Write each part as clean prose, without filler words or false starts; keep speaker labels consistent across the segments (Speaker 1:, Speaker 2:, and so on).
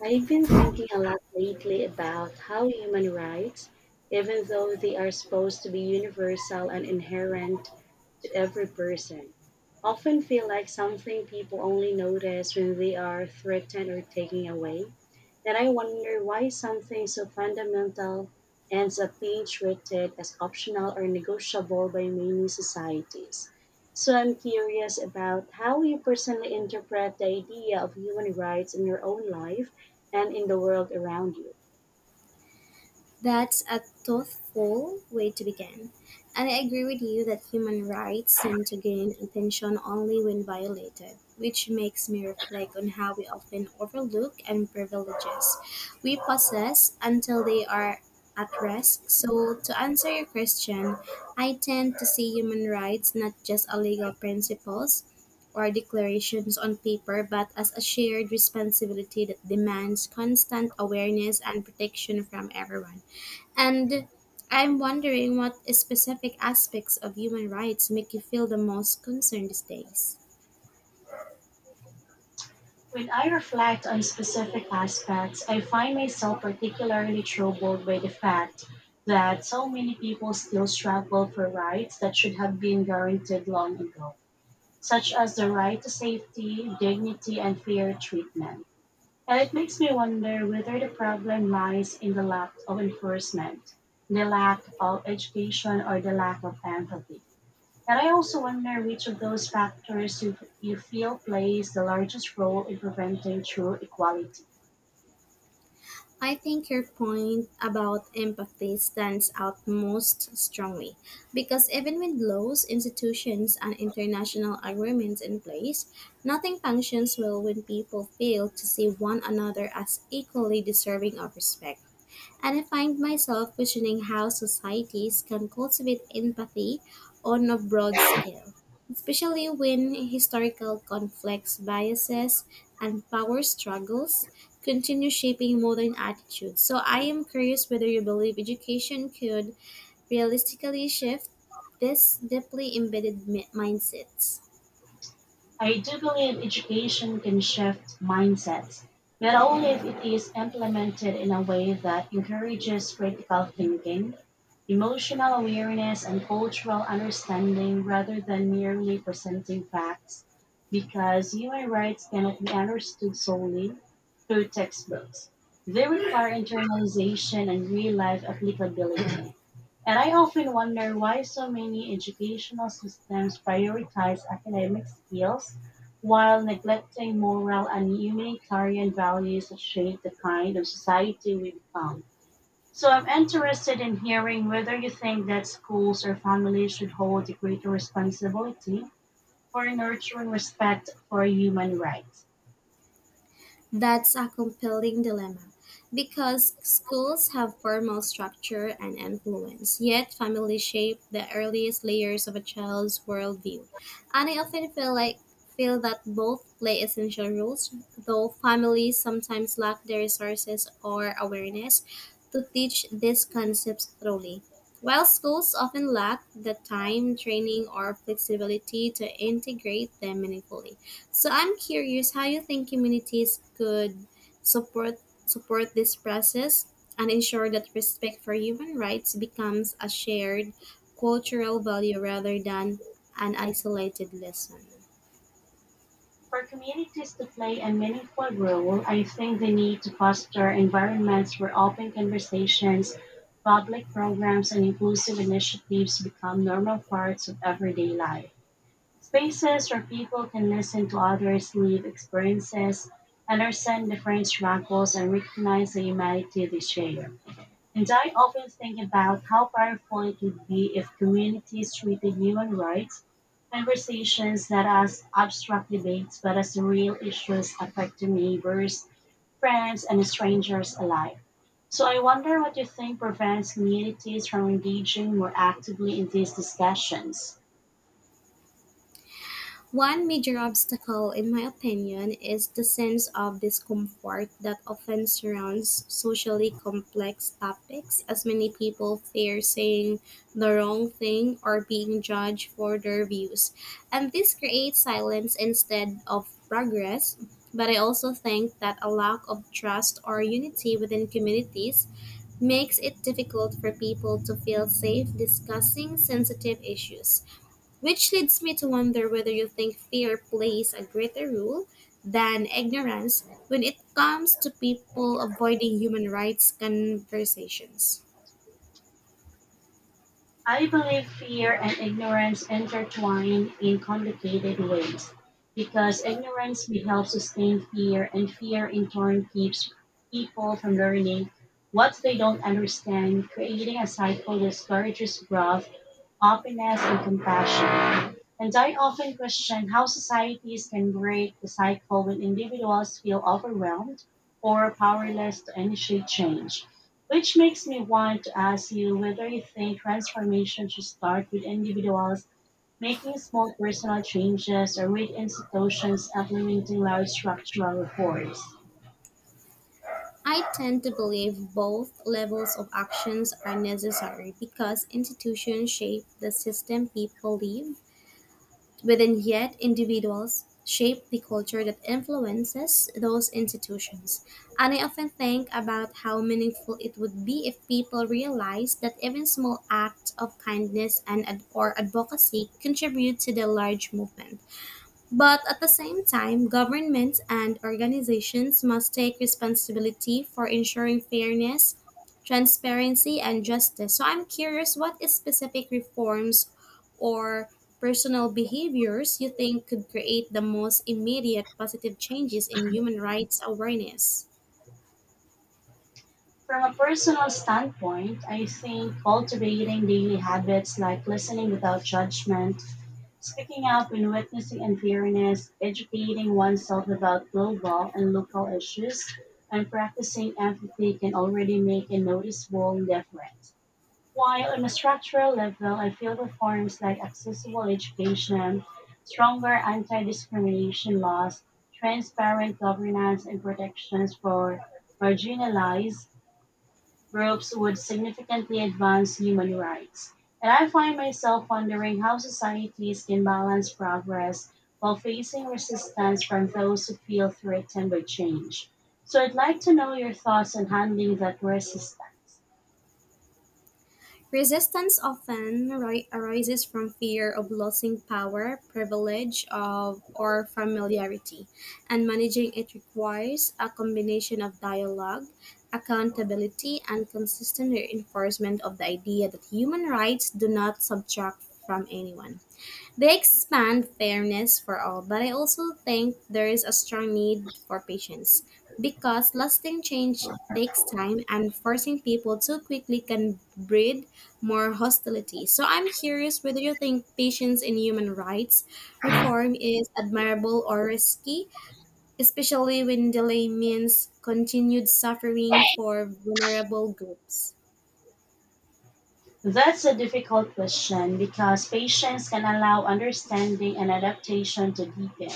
Speaker 1: I've been thinking a lot lately about how human rights, even though they are supposed to be universal and inherent to every person, often feel like something people only notice when they are threatened or taken away. And I wonder why something so fundamental ends up being treated as optional or negotiable by many societies. So I'm curious about how you personally interpret the idea of human rights in your own life and in the world around you.
Speaker 2: That's a thoughtful way to begin. And I agree with you that human rights seem to gain attention only when violated, which makes me reflect on how we often overlook and privileges we possess until they are at risk. So, to answer your question, I tend to see human rights not just as legal principles or declarations on paper, but as a shared responsibility that demands constant awareness and protection from everyone. And I'm wondering what specific aspects of human rights make you feel the most concerned these days.
Speaker 1: When I reflect on specific aspects, I find myself particularly troubled by the fact that so many people still struggle for rights that should have been guaranteed long ago, such as the right to safety, dignity, and fair treatment. And it makes me wonder whether the problem lies in the lack of enforcement, the lack of education, or the lack of empathy. And I also wonder which of those factors you feel plays the largest role in preventing true equality.
Speaker 2: I think your point about empathy stands out most strongly because even with laws, institutions, and international agreements in place, nothing functions well when people fail to see one another as equally deserving of respect. And I find myself questioning how societies can cultivate empathy on a broad scale, especially when historical conflicts, biases, and power struggles continue shaping modern attitudes. So I am curious whether you believe education could realistically shift this deeply embedded mindsets.
Speaker 1: I do believe education can shift mindsets, but only if it is implemented in a way that encourages critical thinking, emotional awareness, and cultural understanding rather than merely presenting facts, because human rights cannot be understood solely through textbooks. They require internalization and real life applicability. And I often wonder why so many educational systems prioritize academic skills while neglecting moral and humanitarian values that shape the kind of society we become. So I'm interested in hearing whether you think that schools or families should hold a greater responsibility for nurturing respect for human rights.
Speaker 2: That's a compelling dilemma because schools have formal structure and influence, yet families shape the earliest layers of a child's worldview. And I often feel that both play essential roles, though families sometimes lack the resources or awareness to teach these concepts thoroughly, while schools often lack the time, training, or flexibility to integrate them meaningfully. So I'm curious how you think communities could support support this process and ensure that respect for human rights becomes a shared cultural value rather than an isolated lesson.
Speaker 1: For communities to play a meaningful role, I think they need to foster environments where open conversations, public programs, and inclusive initiatives become normal parts of everyday life. Spaces where people can listen to others' lived experiences, understand different struggles, and recognize the humanity they share. And I often think about how powerful it would be if communities treated human rights conversations not as abstract debates but as real issues affecting neighbors, friends, and strangers alike. So I wonder what you think prevents communities from engaging more actively in these discussions.
Speaker 2: One major obstacle, in my opinion, is the sense of discomfort that often surrounds socially complex topics, as many people fear saying the wrong thing or being judged for their views. And this creates silence instead of progress. But I also think that a lack of trust or unity within communities makes it difficult for people to feel safe discussing sensitive issues, which leads me to wonder whether you think fear plays a greater role than ignorance when it comes to people avoiding human rights conversations.
Speaker 1: I believe fear and ignorance intertwine in complicated ways, because ignorance may help sustain fear, and fear in turn keeps people from learning what they don't understand, creating a cycle that discourages growth, openness, and compassion. And I often question how societies can break the cycle when individuals feel overwhelmed or powerless to initiate change. Which makes me want to ask you whether you think transformation should start with individuals making small personal changes or with institutions implementing large structural reforms.
Speaker 2: I tend to believe both levels of actions are necessary because institutions shape the system people live within, yet individuals shape the culture that influences those institutions. And I often think about how meaningful it would be if people realized that even small acts of kindness and or advocacy contribute to the large movement. But at the same time, governments and organizations must take responsibility for ensuring fairness, transparency, and justice. So I'm curious what is specific reforms or personal behaviors you think could create the most immediate positive changes in human rights awareness.
Speaker 1: From a personal standpoint, I think cultivating daily habits like listening without judgment, speaking up when witnessing unfairness, educating oneself about global and local issues, and practicing empathy can already make a noticeable difference. While on a structural level, I feel reforms like accessible education, stronger anti discrimination laws, transparent governance, and protections for marginalized groups would significantly advance human rights. And I find myself wondering how societies can balance progress while facing resistance from those who feel threatened by change. So I'd like to know your thoughts on handling that resistance.
Speaker 2: Resistance often arises from fear of losing power, privilege, or familiarity, and managing it requires a combination of dialogue, accountability, and consistent reinforcement of the idea that human rights do not subtract from anyone. They expand fairness for all, but I also think there is a strong need for patience, because lasting change takes time, and forcing people too quickly can breed more hostility. So I'm curious whether you think patience in human rights reform is admirable or risky, especially when delay means continued suffering for vulnerable groups.
Speaker 1: That's a difficult question, because patience can allow understanding and adaptation to deepen.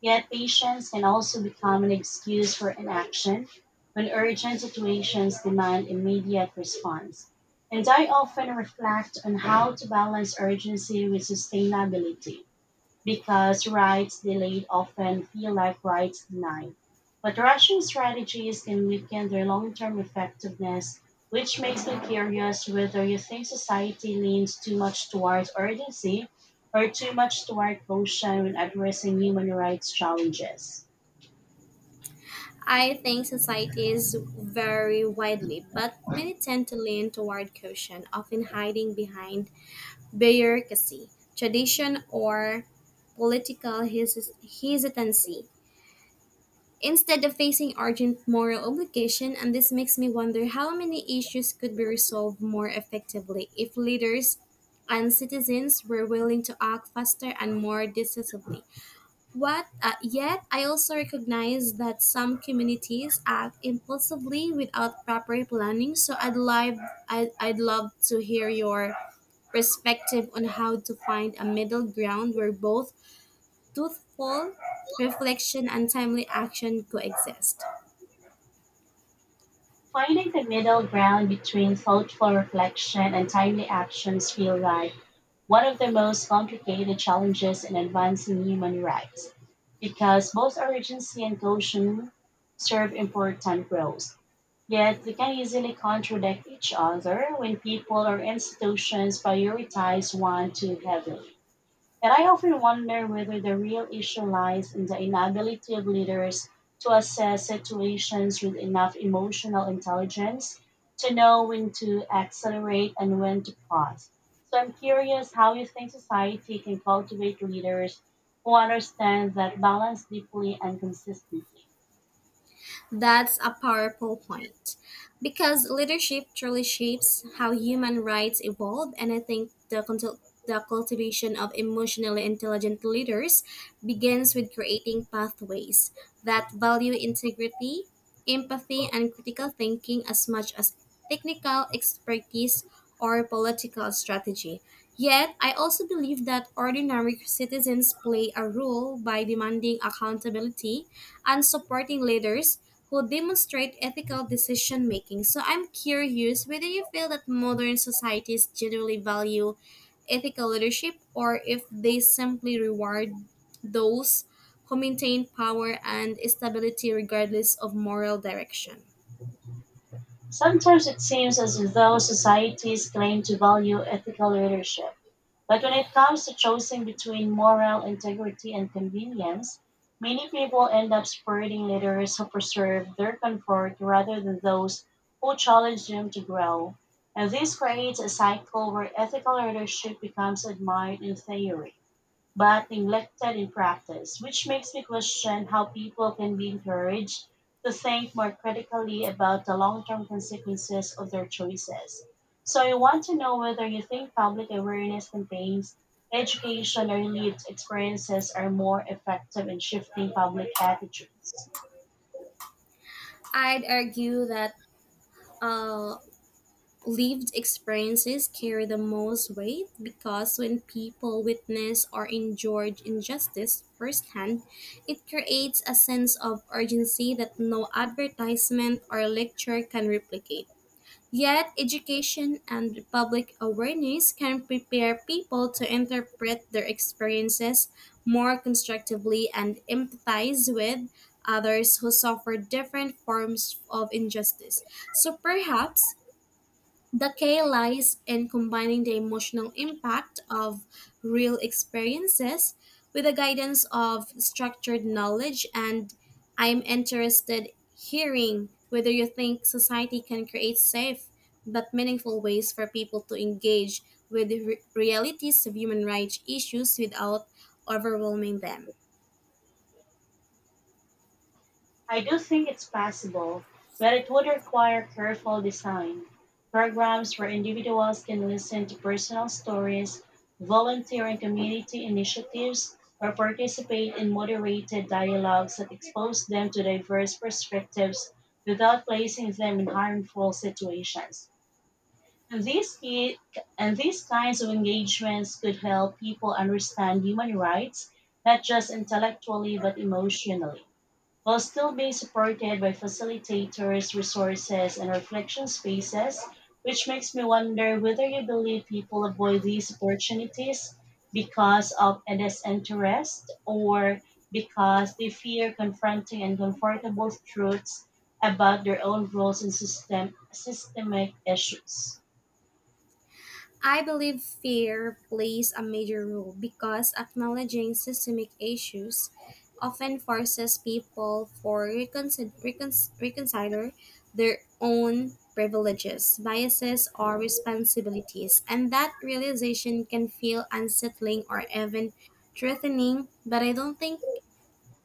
Speaker 1: Yet, patience can also become an excuse for inaction when urgent situations demand immediate response. And I often reflect on how to balance urgency with sustainability, because rights delayed often feel like rights denied. But rushing strategies can weaken their long term effectiveness, which makes me curious whether you think society leans too much towards urgency or too much toward caution when addressing human rights challenges.
Speaker 2: I think societies vary widely, but many tend to lean toward caution, often hiding behind bureaucracy, tradition, or political hesitancy, instead of facing urgent moral obligation. And this makes me wonder how many issues could be resolved more effectively if leaders and citizens were willing to act faster and more decisively. Yet, I also recognize that some communities act impulsively without proper planning. So I'd love to hear your perspective on how to find a middle ground where both truthful reflection and timely action coexist.
Speaker 1: Finding the middle ground between thoughtful reflection and timely actions feel right one of the most complicated challenges in advancing human rights, because both urgency and caution serve important roles. Yet they can easily contradict each other when people or institutions prioritize one too heavily. And I often wonder whether the real issue lies in the inability of leaders to assess situations with enough emotional intelligence to know when to accelerate and when to pause. So I'm curious how you think society can cultivate leaders who understand that balance deeply and consistently.
Speaker 2: That's a powerful point, because leadership truly shapes how human rights evolve, and I think the cultivation of emotionally intelligent leaders begins with creating pathways that value integrity, empathy, and critical thinking as much as technical expertise or political strategy. Yet, I also believe that ordinary citizens play a role by demanding accountability and supporting leaders who demonstrate ethical decision making. So I'm curious whether you feel that modern societies generally value ethical leadership, or if they simply reward those who maintain power and stability regardless of moral direction.
Speaker 1: Sometimes it seems as though societies claim to value ethical leadership, but when it comes to choosing between moral integrity and convenience, many people end up supporting leaders who preserve their comfort rather than those who challenge them to grow. And this creates a cycle where ethical leadership becomes admired in theory but neglected in practice, which makes me question how people can be encouraged to think more critically about the long term consequences of their choices. So, I want to know whether you think public awareness campaigns, education, or lived experiences are more effective in shifting public attitudes.
Speaker 2: I'd argue that uh, lived experiences carry the most weight, because when people witness or endure injustice firsthand, it creates a sense of urgency that no advertisement or lecture can replicate. Yet, education and public awareness can prepare people to interpret their experiences more constructively and empathize with others who suffer different forms of injustice. So perhaps the K lies in combining the emotional impact of real experiences with the guidance of structured knowledge, and I'm interested hearing whether you think society can create safe but meaningful ways for people to engage with the realities of human rights issues without overwhelming them.
Speaker 1: I do think it's possible, but it would require careful design. Programs where individuals can listen to personal stories, volunteer in community initiatives, or participate in moderated dialogues that expose them to diverse perspectives without placing them in harmful situations. And these, ki- and these kinds of engagements could help people understand human rights, not just intellectually but emotionally, while still being supported by facilitators, resources, and reflection spaces, which makes me wonder whether you believe people avoid these opportunities because of a disinterest or because they fear confronting uncomfortable truths about their own roles in systemic issues.
Speaker 2: I believe fear plays a major role, because acknowledging systemic issues often forces people for reconsider their own privileges, biases, or responsibilities, and that realization can feel unsettling or even threatening. But I don't think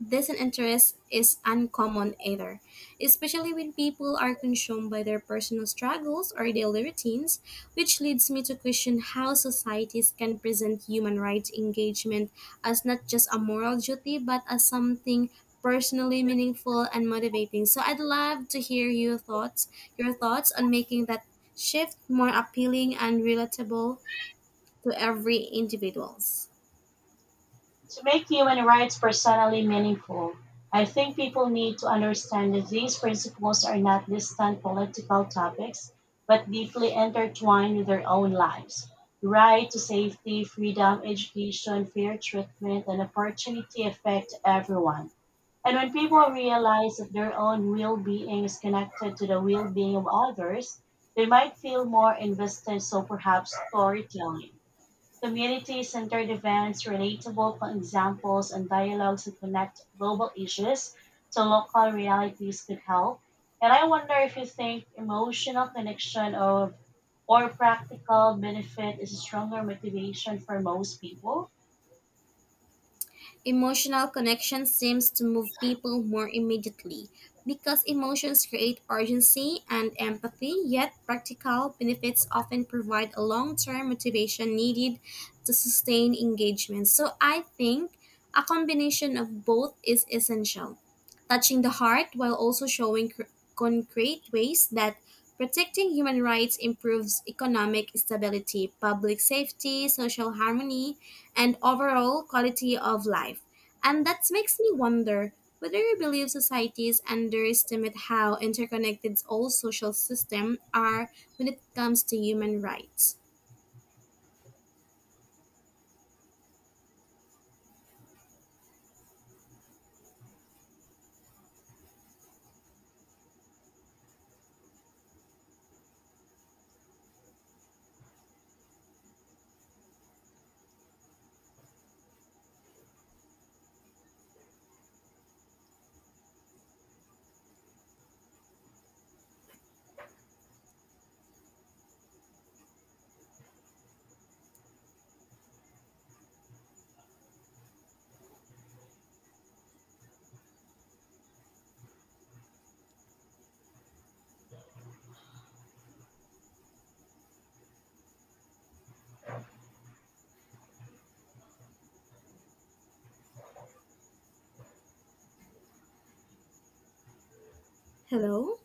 Speaker 2: this interest is uncommon either, especially when people are consumed by their personal struggles or daily routines, which leads me to question how societies can present human rights engagement as not just a moral duty but as something personally meaningful and motivating. So I'd love to hear your thoughts on making that shift more appealing and relatable to every individuals.
Speaker 1: To make human rights personally meaningful, I think people need to understand that these principles are not distant political topics, but deeply intertwined with their own lives. The right to safety, freedom, education, fair treatment, and opportunity affect everyone. And when people realize that their own well being is connected to the well being of others, they might feel more invested. So perhaps storytelling, community-centered events, relatable examples, and dialogues that connect global issues to local realities could help. And I wonder if you think emotional connection of or practical benefit is a stronger motivation for most people.
Speaker 2: Emotional connection seems to move people more immediately because emotions create urgency and empathy, yet practical benefits often provide a long term motivation needed to sustain engagement. So, I think a combination of both is essential, touching the heart while also showing concrete ways that protecting human rights improves economic stability, public safety, social harmony, and overall quality of life. And that makes me wonder whether you believe societies underestimate how interconnected all social systems are when it comes to human rights. Hello?